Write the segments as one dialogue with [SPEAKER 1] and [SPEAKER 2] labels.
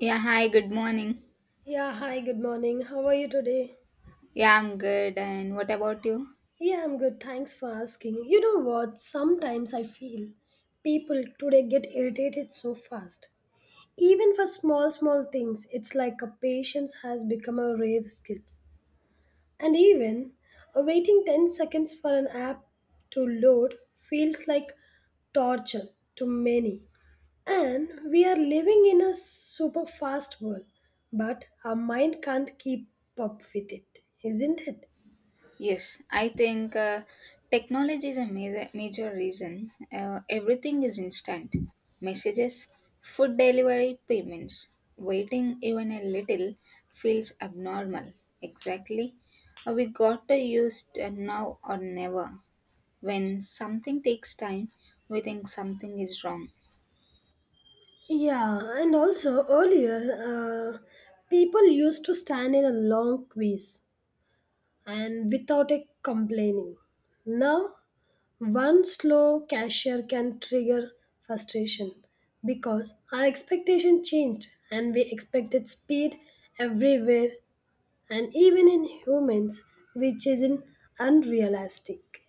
[SPEAKER 1] Yeah, hi, good morning.
[SPEAKER 2] Yeah, hi, good morning. How are you today?
[SPEAKER 1] Yeah, I'm good. And what about you?
[SPEAKER 2] Yeah, I'm good. Thanks for asking. You know what? Sometimes I feel people today get irritated so fast. Even for small, small things, it's like a patience has become a rare skill. And even waiting 10 seconds for an app to load feels like torture to many. And we are living in a super fast world, but our mind can't keep up with it, isn't it?
[SPEAKER 1] Yes, I think technology is a major, major reason. Everything is instant messages, food delivery, payments. Waiting even a little feels abnormal. Exactly. We got to now or never. When something takes time, we think something is wrong.
[SPEAKER 2] Yeah, and also earlier, uh, people used to stand in a long quiz and without a complaining. Now, one slow cashier can trigger frustration because our expectation changed and we expected speed everywhere and even in humans, which is in unrealistic.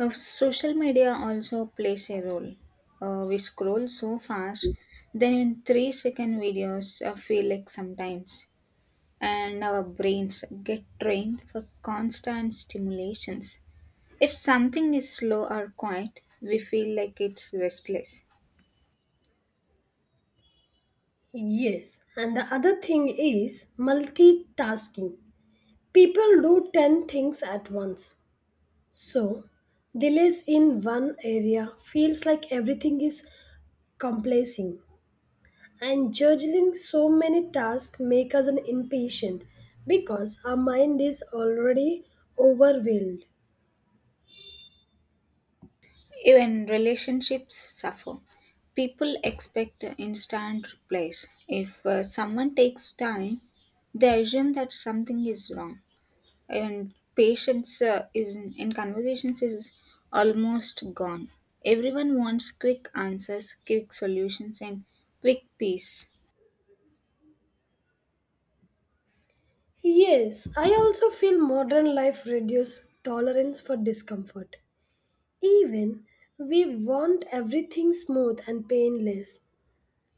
[SPEAKER 1] Social media also plays a role. We scroll so fast, then in 3 second videos feel like sometimes, and our brains get trained for constant stimulations. If something is slow or quiet, we feel like it's restless.
[SPEAKER 2] Yes, and the other thing is multitasking. People do 10 things at once, so delays in one area feels like everything is complacing, and juggling so many tasks make us an impatient because our mind is already overwhelmed.
[SPEAKER 1] Even relationships suffer. People expect instant replies. If someone takes time, they assume that something is wrong. And patience is in conversations is almost gone. Everyone wants quick answers, quick solutions, and quick peace.
[SPEAKER 2] Yes, I also feel modern life reduces tolerance for discomfort. Even we want everything smooth and painless,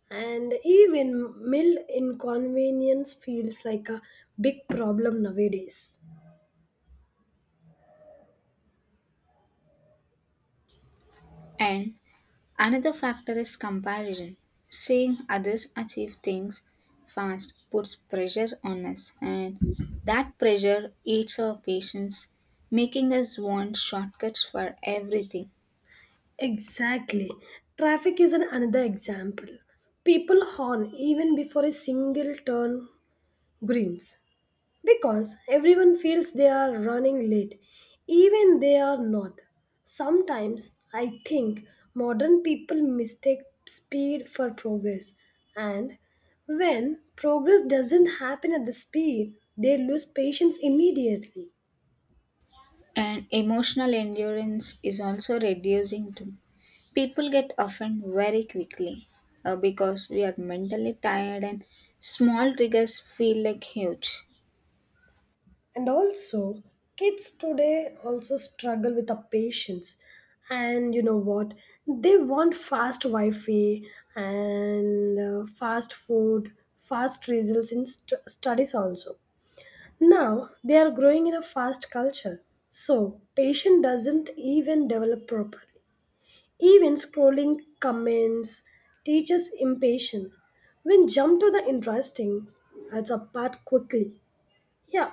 [SPEAKER 2] and even mild inconvenience feels like a big problem nowadays.
[SPEAKER 1] And another factor is comparison. Seeing others achieve things fast puts pressure on us, and that pressure eats our patience, making us want shortcuts for everything.
[SPEAKER 2] Exactly. Traffic is an another example. People horn even before a single turn greens because everyone feels they are running late, even they are not. Sometimes I think modern people mistake speed for progress, and when progress doesn't happen at the speed, they lose patience immediately.
[SPEAKER 1] And emotional endurance is also reducing too. People get offended very quickly because we are mentally tired and small triggers feel like huge.
[SPEAKER 2] And also, kids today also struggle with the patience, and you know what, they want fast wi-fi and fast food, fast results in studies also. Now they are growing in a fast culture, so patience doesn't even develop properly. Even scrolling comments teaches impatient when jump to the interesting, it's apart quickly. Yeah,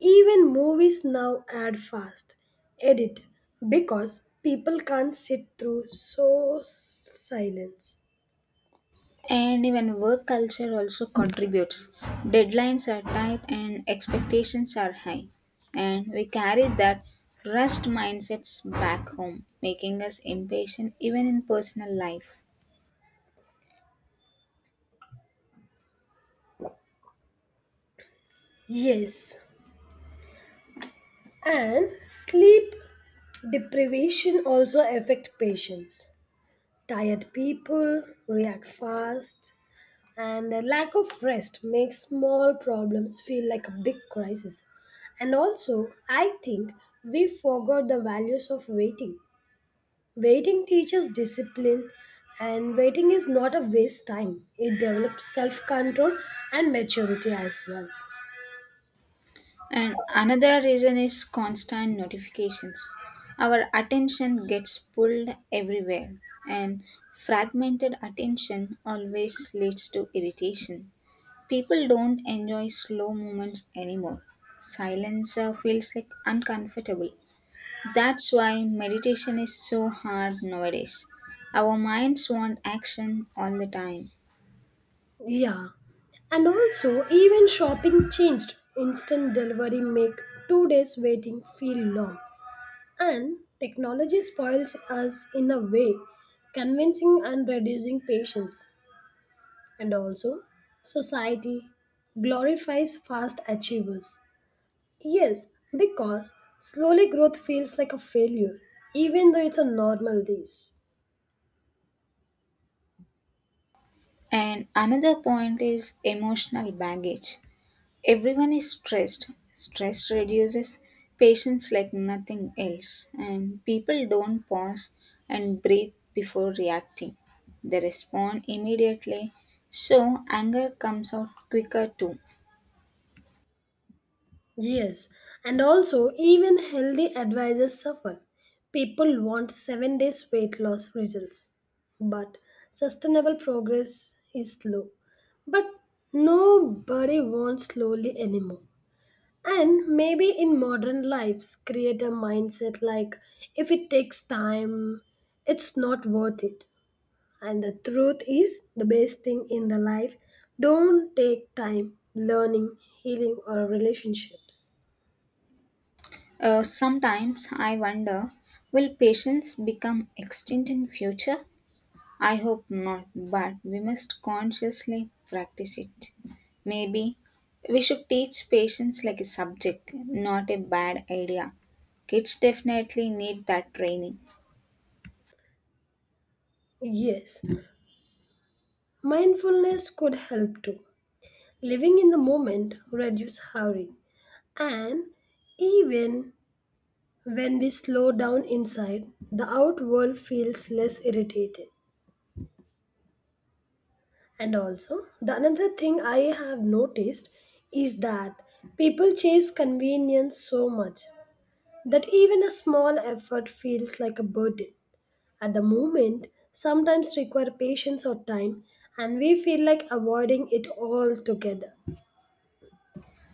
[SPEAKER 2] even movies now add fast edit because people can't sit through so silence.
[SPEAKER 1] And even work culture also contributes. Deadlines are tight and expectations are high. And we carry that rust mindsets back home, making us impatient even in personal life.
[SPEAKER 2] Yes, and sleep deprivation also affect patients. Tired people react fast, and the lack of rest makes small problems feel like a big crisis. And also, I think we forgot the values of waiting. Waiting teaches discipline, and waiting is not a waste time. It develops self control and maturity as well.
[SPEAKER 1] And another reason is constant notifications. Our attention gets pulled everywhere, and fragmented attention always leads to irritation. People don't enjoy slow moments anymore. Silence feels like uncomfortable. That's why meditation is so hard nowadays. Our minds want action all the time.
[SPEAKER 2] Yeah. And also, even shopping changed. Instant delivery make 2 days waiting feel long. And technology spoils us in a way, convincing and reducing patience. And also, society glorifies fast achievers. Yes, because slowly growth feels like a failure, even though it's a normal days.
[SPEAKER 1] And another point is emotional baggage. Everyone is stressed. Stress reduces patience like nothing else, and people don't pause and breathe before reacting. They respond immediately, so anger comes out quicker too.
[SPEAKER 2] Yes, and also even healthy advisors suffer. People want 7 days weight loss results. But sustainable progress is slow. But nobody wants slowly anymore. And maybe in modern lives, create a mindset like if it takes time, it's not worth it. And the truth is, the best thing in the life don't take time, learning, healing, or relationships.
[SPEAKER 1] Sometimes I wonder will patience become extinct in future? I hope not, but we must consciously practice it. Maybe we should teach patience like a subject, not a bad idea. Kids definitely need that training.
[SPEAKER 2] Yes, mindfulness could help too. Living in the moment reduce hurry, and even when we slow down inside, the out world feels less irritated. And also, the another thing I have noticed is that people chase convenience so much that even a small effort feels like a burden. At the moment, sometimes require patience or time, and we feel like avoiding it altogether.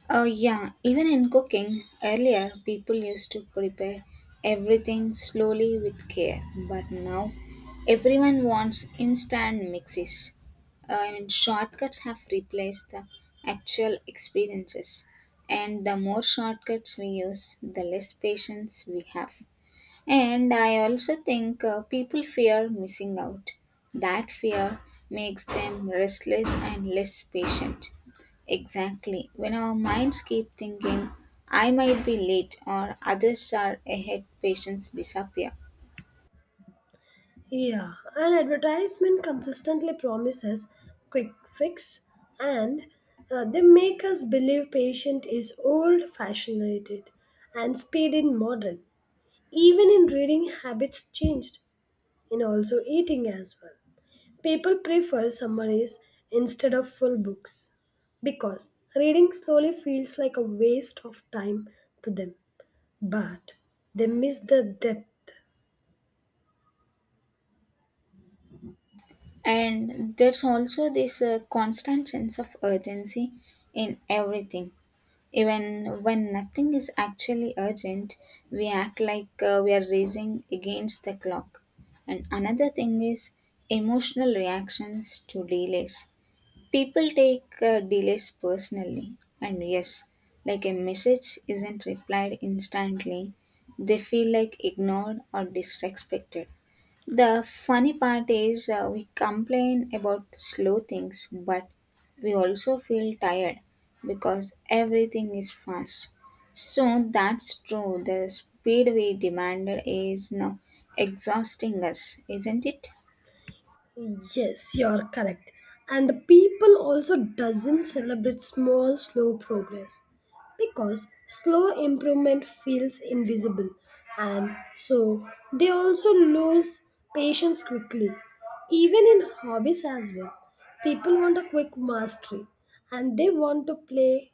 [SPEAKER 1] Oh, yeah, even in cooking, earlier people used to prepare everything slowly with care, but now everyone wants instant mixes. I mean, shortcuts have replaced the actual experiences, and the more shortcuts we use, the less patience we have. And I also think people fear missing out. That fear makes them restless and less patient. Exactly. When our minds keep thinking, I might be late or others are ahead, patience disappear.
[SPEAKER 2] Yeah, an advertisement consistently promises quick fix and they make us believe patient is old fashioned and speed in modern. Even in reading habits changed, in also eating as well. People prefer summaries instead of full books because reading slowly feels like a waste of time to them, but they miss the depth.
[SPEAKER 1] And there's also this constant sense of urgency in everything. Even when nothing is actually urgent, we act like we are racing against the clock. And another thing is emotional reactions to delays. People take delays personally, and yes, like a message isn't replied instantly, they feel like ignored or disrespected. The funny part is we complain about slow things, but we also feel tired because everything is fast. So that's true. The speed we demanded is now exhausting us, isn't it?
[SPEAKER 2] Yes, you are correct. And the people also doesn't celebrate small slow progress because slow improvement feels invisible, and so they also lose patience quickly. Even in hobbies as well, people want a quick mastery and they want to play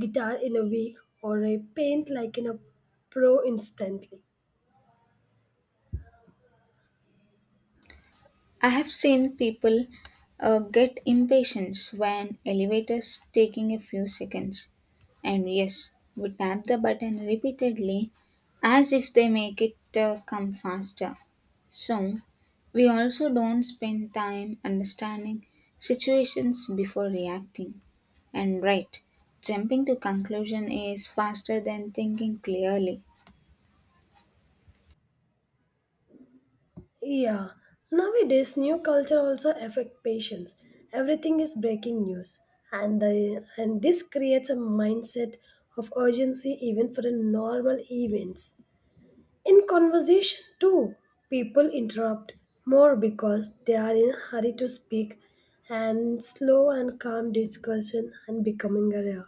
[SPEAKER 2] guitar in a week or a paint like in a pro instantly.
[SPEAKER 1] I have seen people get impatient when elevators taking a few seconds, and yes, would tap the button repeatedly as if they make it come faster. So, we also don't spend time understanding situations before reacting. And right, jumping to conclusion is faster than thinking clearly.
[SPEAKER 2] Yeah, nowadays new culture also affect patients. Everything is breaking news, and the and this creates a mindset of urgency even for the normal events. In conversation too, people interrupt more because they are in a hurry to speak, and slow and calm discussion and becoming a rare.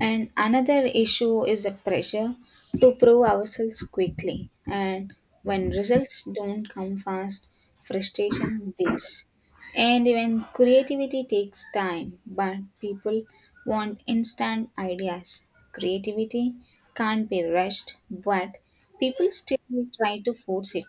[SPEAKER 1] And another issue is the pressure to prove ourselves quickly. And when results don't come fast, frustration builds. And even creativity takes time, but people want instant ideas. Creativity can't be rushed, but people still try to force it.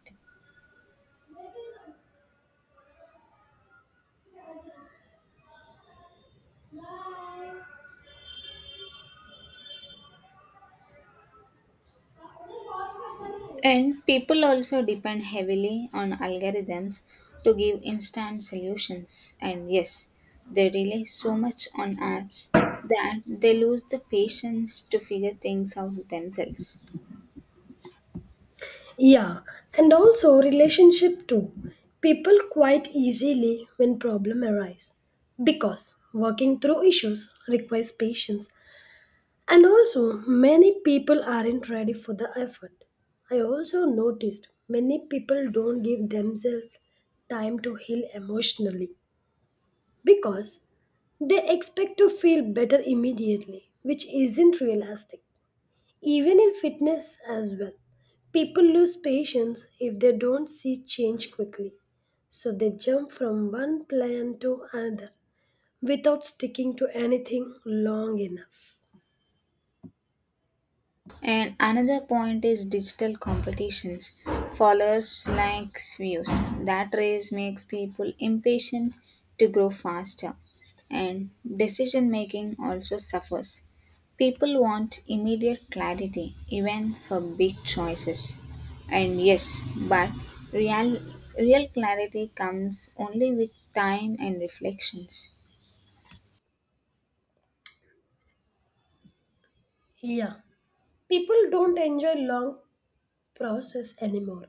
[SPEAKER 1] And people also depend heavily on algorithms to give instant solutions. And yes, they rely so much on apps that they lose the patience to figure things out themselves.
[SPEAKER 2] Yeah, and also relationship too. People quite easily when problem arise because working through issues requires patience, and also many people aren't ready for the effort. I also noticed many people don't give themselves time to heal emotionally because they expect to feel better immediately, which isn't realistic. Even in fitness as well, people lose patience if they don't see change quickly. So they jump from one plan to another without sticking to anything long enough.
[SPEAKER 1] And another point is digital competitions, followers, likes, views. That race makes people impatient to grow faster, and decision making also suffers. People want immediate clarity, even for big choices. And yes, but real, real clarity comes only with time and reflections.
[SPEAKER 2] Yeah, people don't enjoy long process anymore.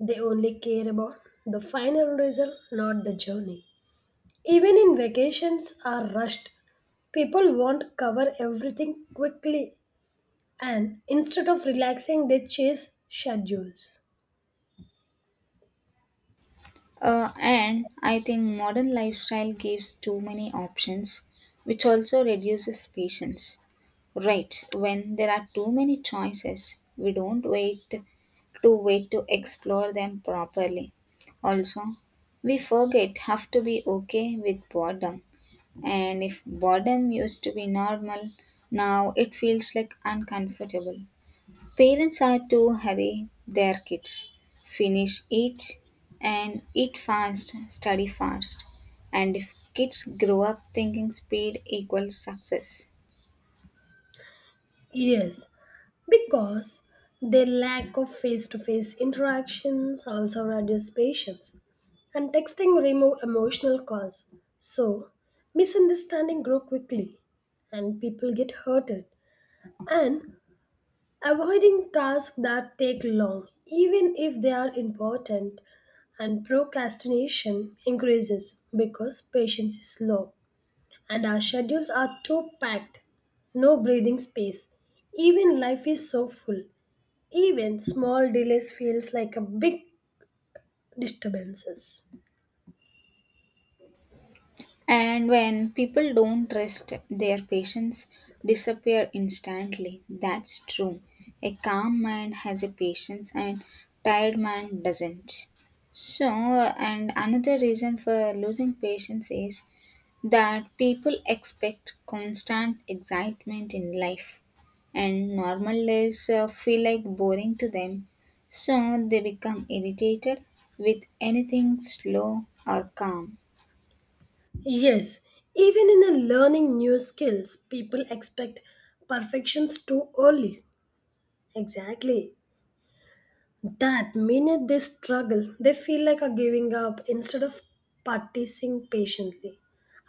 [SPEAKER 2] They only care about the final result, not the journey. Even in vacations are rushed. People want to cover everything quickly and instead of relaxing they chase schedules.
[SPEAKER 1] And I think modern lifestyle gives too many options, which also reduces patience. Right, when there are too many choices, we don't wait to wait to explore them properly. Also, we forget have to be okay with boredom. And if boredom used to be normal, now it feels like uncomfortable. Parents are to hurry their kids, finish it and eat fast, study fast. And if kids grow up thinking speed equals success.
[SPEAKER 2] Yes, because their lack of face-to-face interactions also reduce patience, and texting remove emotional cause. So misunderstanding grow quickly, and people get hurted. And avoiding tasks that take long, even if they are important, and procrastination increases because patience is low and our schedules are too packed. No breathing space. Even life is so full. Even small delays feels like a big disturbances.
[SPEAKER 1] And when people don't rest, their patience disappear instantly. That's true. A calm mind has a patience and tired mind doesn't. So, and another reason for losing patience is that people expect constant excitement in life and normal days feel like boring to them so they become irritated with anything slow or calm.
[SPEAKER 2] Yes, even in a learning new skills, people expect perfections too early. Exactly. That minute they struggle, they feel like are giving up instead of practicing patiently.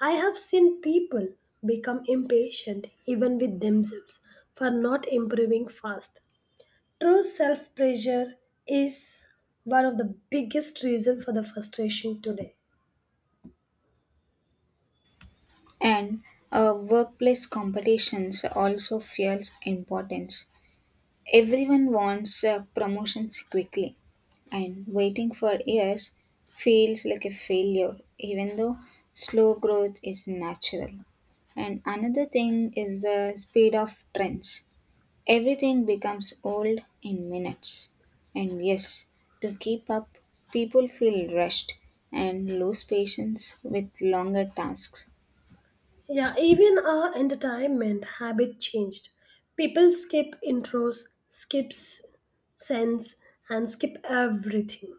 [SPEAKER 2] I have seen people become impatient even with themselves for not improving fast. True self pressure is one of the biggest reasons for the frustration today.
[SPEAKER 1] And workplace competitions also fuels importance. Everyone wants promotions quickly, and waiting for years feels like a failure, even though slow growth is natural. And another thing is the speed of trends. Everything becomes old in minutes. And yes, to keep up, people feel rushed and lose patience with longer tasks.
[SPEAKER 2] Yeah, even our entertainment habit changed. People skip intros, skips sense, and skip everything.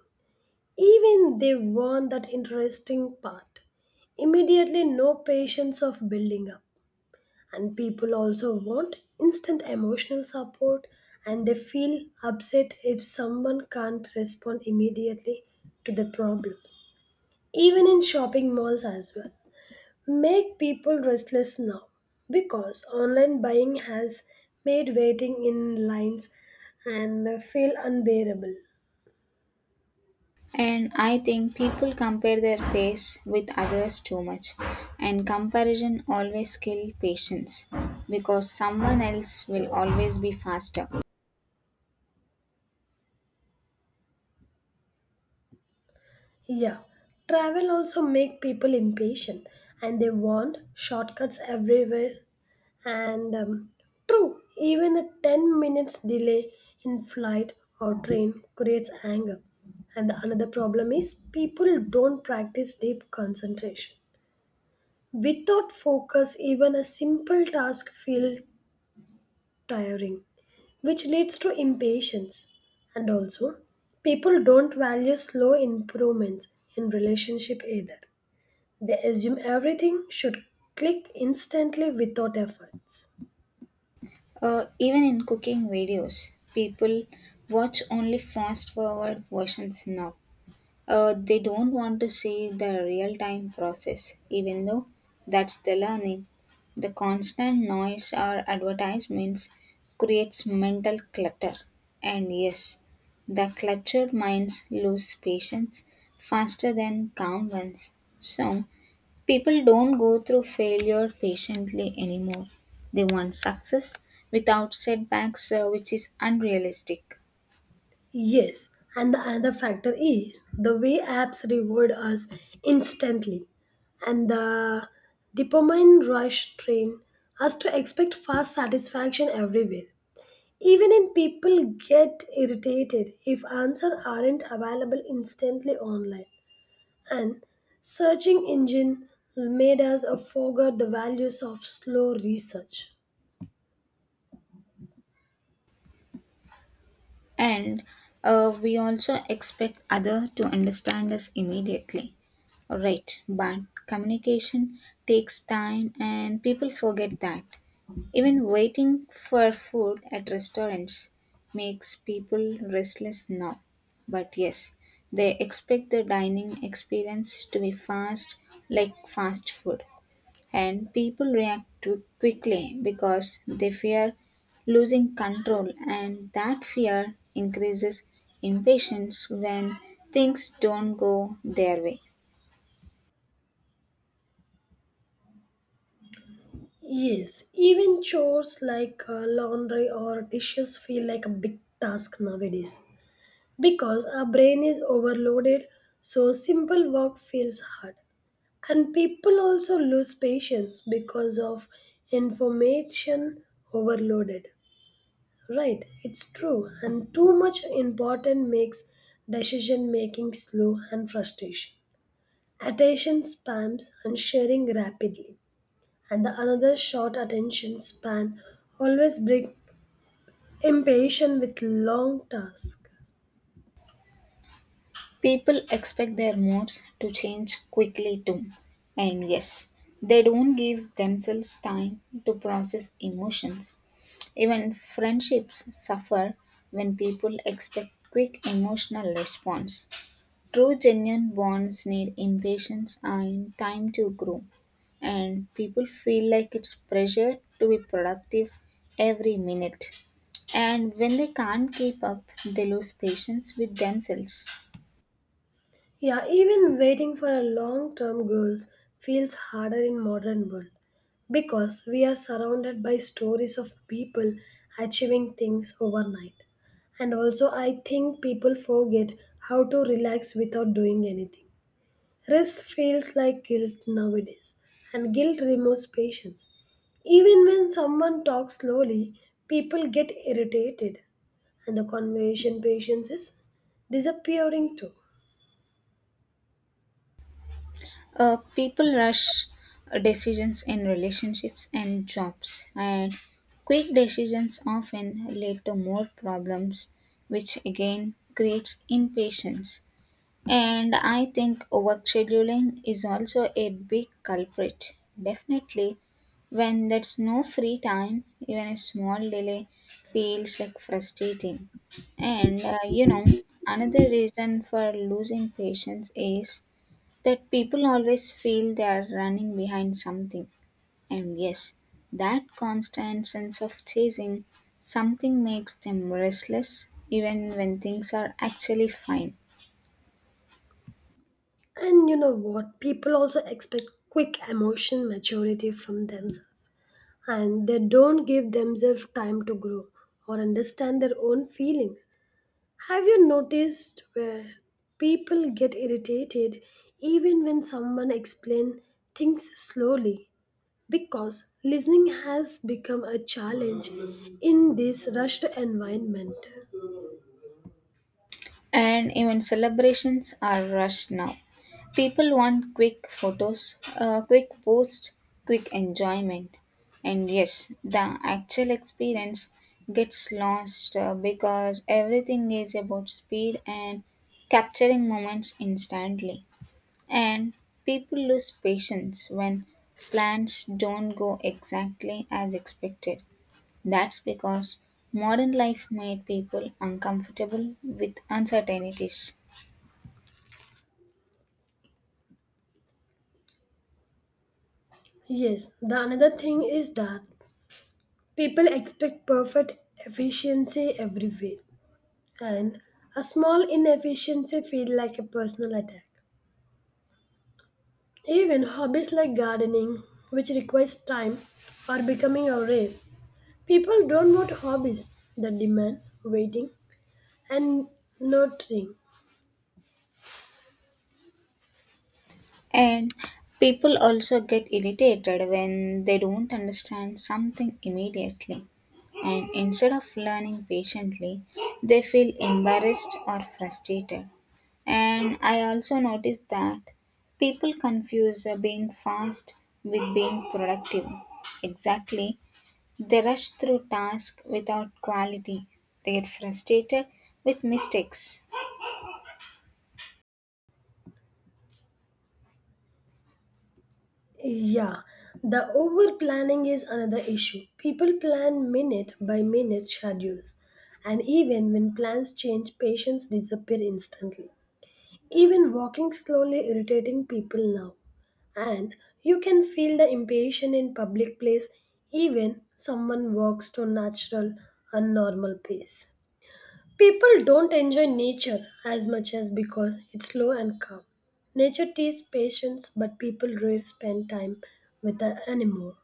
[SPEAKER 2] Even they want that interesting part. Immediately, no patience of building up. And people also want instant emotional support and they feel upset if someone can't respond immediately to the problems. Even in shopping malls as well. Make people restless now because online buying has made waiting in lines and feel unbearable.
[SPEAKER 1] And I think people compare their pace with others too much, and comparison always kills patience because someone else will always be faster.
[SPEAKER 2] Yeah, travel also make people impatient and they want shortcuts everywhere. And true, even a 10 minutes delay in flight or train creates anger. And the another problem is people don't practice deep concentration. Without focus, even a simple task feel tiring, which leads to impatience. And also, people don't value slow improvements in relationship either. They assume everything should click instantly without efforts.
[SPEAKER 1] Even in cooking videos, people watch only fast forward versions now. They don't want to see the real time process, even though that's the learning. The constant noise or advertisements creates mental clutter. And yes, the cluttered minds lose patience faster than calm ones. So, people don't go through failure patiently anymore. They want success without setbacks, which is unrealistic.
[SPEAKER 2] Yes, and the another factor is the way apps reward us instantly, and the dopamine rush train us to expect fast satisfaction everywhere. Even in people get irritated if answers aren't available instantly online. And searching engine made us forget the values of slow research.
[SPEAKER 1] And we also expect other to understand us immediately. Right, but communication takes time and people forget that. Even waiting for food at restaurants makes people restless now. But yes, they expect the dining experience to be fast, like fast food and people react to quickly because they fear losing control and that fear increases impatience when things don't go their way.
[SPEAKER 2] Yes, even chores like laundry or dishes feel like a big task nowadays because our brain is overloaded, so simple work feels hard. And people also lose patience because of information overloaded. Right, it's true. And too much important makes decision making slow and frustration. Attention spans and sharing rapidly. And the another short attention span always bring impatience with long tasks.
[SPEAKER 1] People expect their moods to change quickly too, and yes, they don't give themselves time to process emotions. Even friendships suffer when people expect quick emotional response. True genuine bonds need impatience and time to grow, and people feel like it's pressure to be productive every minute. And when they can't keep up, they lose patience with themselves.
[SPEAKER 2] Yeah, even waiting for a long-term goals feels harder in modern world because we are surrounded by stories of people achieving things overnight. And also I think people forget how to relax without doing anything. Rest feels like guilt nowadays, and guilt removes patience. Even when someone talks slowly, people get irritated, and the conversation patience is disappearing too.
[SPEAKER 1] People rush decisions in relationships and jobs, and quick decisions often lead to more problems, which again creates impatience. And I think work scheduling is also a big culprit. Definitely, when there's no free time, even a small delay feels like frustrating. And another reason for losing patience is that people always feel they are running behind something. And yes, that constant sense of chasing something makes them restless even when things are actually fine.
[SPEAKER 2] And you know what? People also expect quick emotion maturity from themselves, and they don't give themselves time to grow or understand their own feelings. Have you noticed where people get irritated even when someone explains things slowly? Because listening has become a challenge in this rushed environment.
[SPEAKER 1] And even celebrations are rushed now. People want quick photos, quick posts, quick enjoyment. And yes, the actual experience gets lost because everything is about speed and capturing moments instantly. And people lose patience when plans don't go exactly as expected. That's because modern life made people uncomfortable with uncertainties.
[SPEAKER 2] Yes, the another thing is that people expect perfect efficiency everywhere, and a small inefficiency feels like a personal attack. Even hobbies like gardening, which requires time, are becoming a rare. People don't want hobbies that demand waiting and nurturing.
[SPEAKER 1] And people also get irritated when they don't understand something immediately. And instead of learning patiently, they feel embarrassed or frustrated. And I also noticed that people confuse being fast with being productive. Exactly. They rush through tasks without quality. They get frustrated with mistakes.
[SPEAKER 2] Yeah, the over planning is another issue. People plan minute by minute schedules, and even when plans change, patients disappear instantly. Even walking slowly irritating people now. And you can feel the impatience in public place even someone walks to natural and normal pace. People don't enjoy nature as much as because it's slow and calm. Nature teaches patience, but people rarely spend time with her anymore.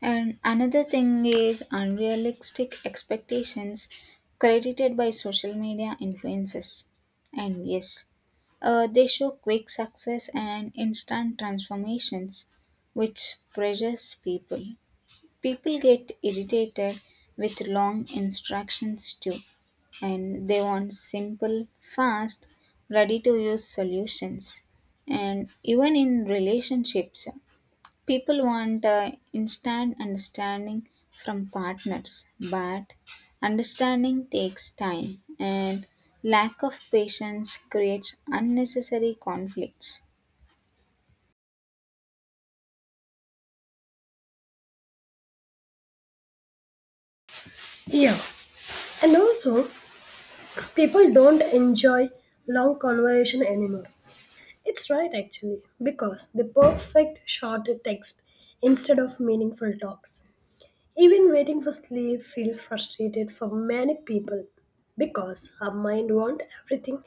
[SPEAKER 1] And another thing is unrealistic expectations credited by social media influences. And yes, they show quick success and instant transformations, which pressures people. People get irritated with long instructions too. And they want simple, fast, ready to use solutions. And even in relationships, people want instant understanding from partners, but understanding takes time, and lack of patience creates unnecessary conflicts.
[SPEAKER 2] Yeah, and also people don't enjoy long conversation anymore. It's right actually, because the perfect short text instead of meaningful talks. Even waiting for sleep feels frustrated for many people because our mind wants everything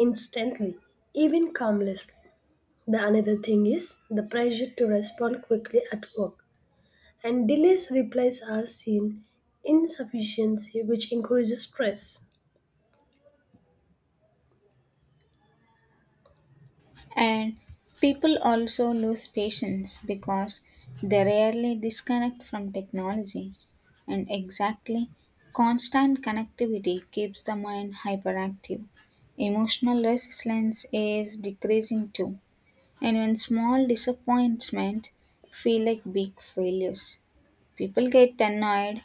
[SPEAKER 2] instantly, even calmless. The another thing is the pressure to respond quickly at work, and delays replies are seen insufficiency, which increases stress.
[SPEAKER 1] And people also lose patience because they rarely disconnect from technology. And exactly, constant connectivity keeps the mind hyperactive. Emotional resilience is decreasing too. And when small disappointments feel like big failures, people get annoyed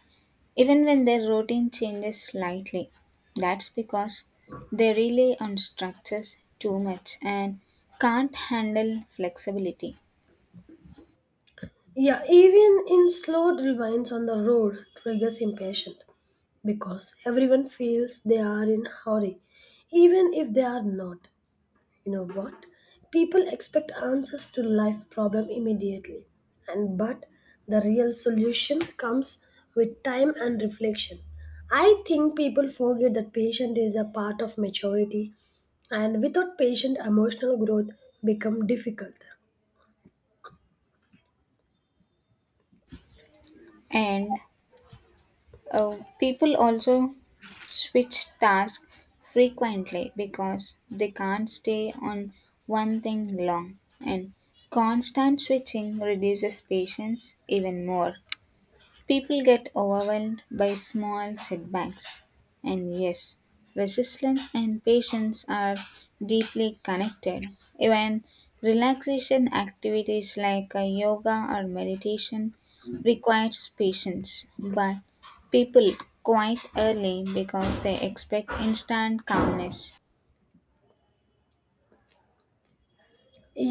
[SPEAKER 1] even when their routine changes slightly. That's because they rely on structures too much and can't handle flexibility.
[SPEAKER 2] Yeah, even in slow rewinds on the road triggers impatience because everyone feels they are in hurry, even if they are not. You know what? People expect answers to life problem immediately, and but the real solution comes with time and reflection. I think people forget that patience is a part of maturity, and without patience, emotional growth become difficult.
[SPEAKER 1] And people also switch tasks frequently because they can't stay on one thing long, and constant switching reduces patience even more. People get overwhelmed by small setbacks. And yes, resilience and patience are deeply connected. Even relaxation activities like yoga or meditation requires patience, but people quite early because they expect instant calmness.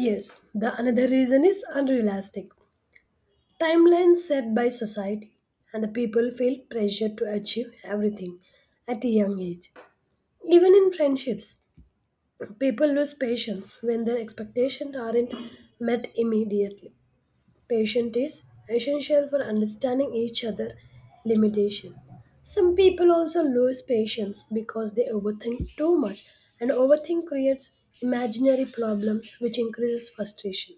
[SPEAKER 2] Yes, the another reason is unrealistic. Timelines set by society, and the people feel pressure to achieve everything at a young age. Even in friendships, people lose patience when their expectations aren't met immediately. Patience is essential for understanding each other limitation. Some people also lose patience because they overthink too much, and overthink creates imaginary problems which increases frustration.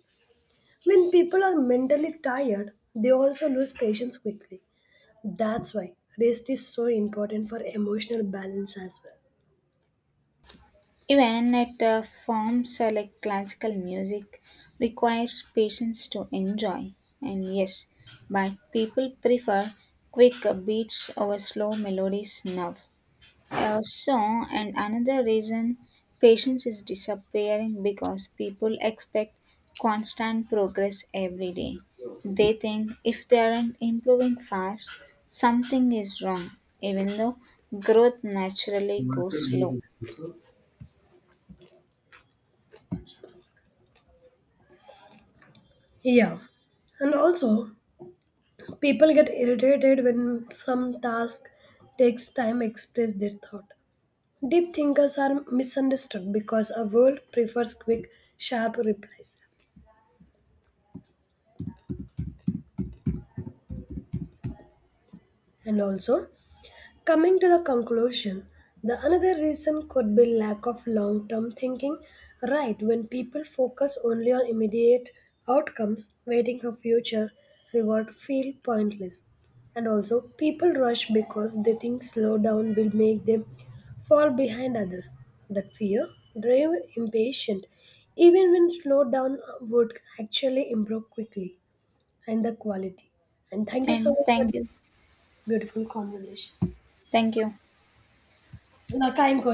[SPEAKER 2] When people are mentally tired, they also lose patience quickly. That's why rest is so important for emotional balance as well.
[SPEAKER 1] Even at forms like classical music requires patience to enjoy, and yes, but people prefer quick beats over slow melodies now. Also, and another reason patience is disappearing because people expect constant progress every day. They think if they aren't improving fast, something is wrong, even though growth naturally goes slow.
[SPEAKER 2] Yeah. And also, people get irritated when some task takes time to express their thought. Deep thinkers are misunderstood because our world prefers quick, sharp replies. And also, coming to the conclusion, the another reason could be lack of long-term thinking. Right, when people focus only on immediate outcomes, waiting for future reward feel pointless. And also, people rush because they think slow down will make them fall behind others. That fear drive impatient, even when slow down would actually improve quickly and the quality. And thank you so
[SPEAKER 1] And
[SPEAKER 2] much for
[SPEAKER 1] thank you.
[SPEAKER 2] this beautiful conversation.
[SPEAKER 1] Thank you.
[SPEAKER 2] Na, kein Gott.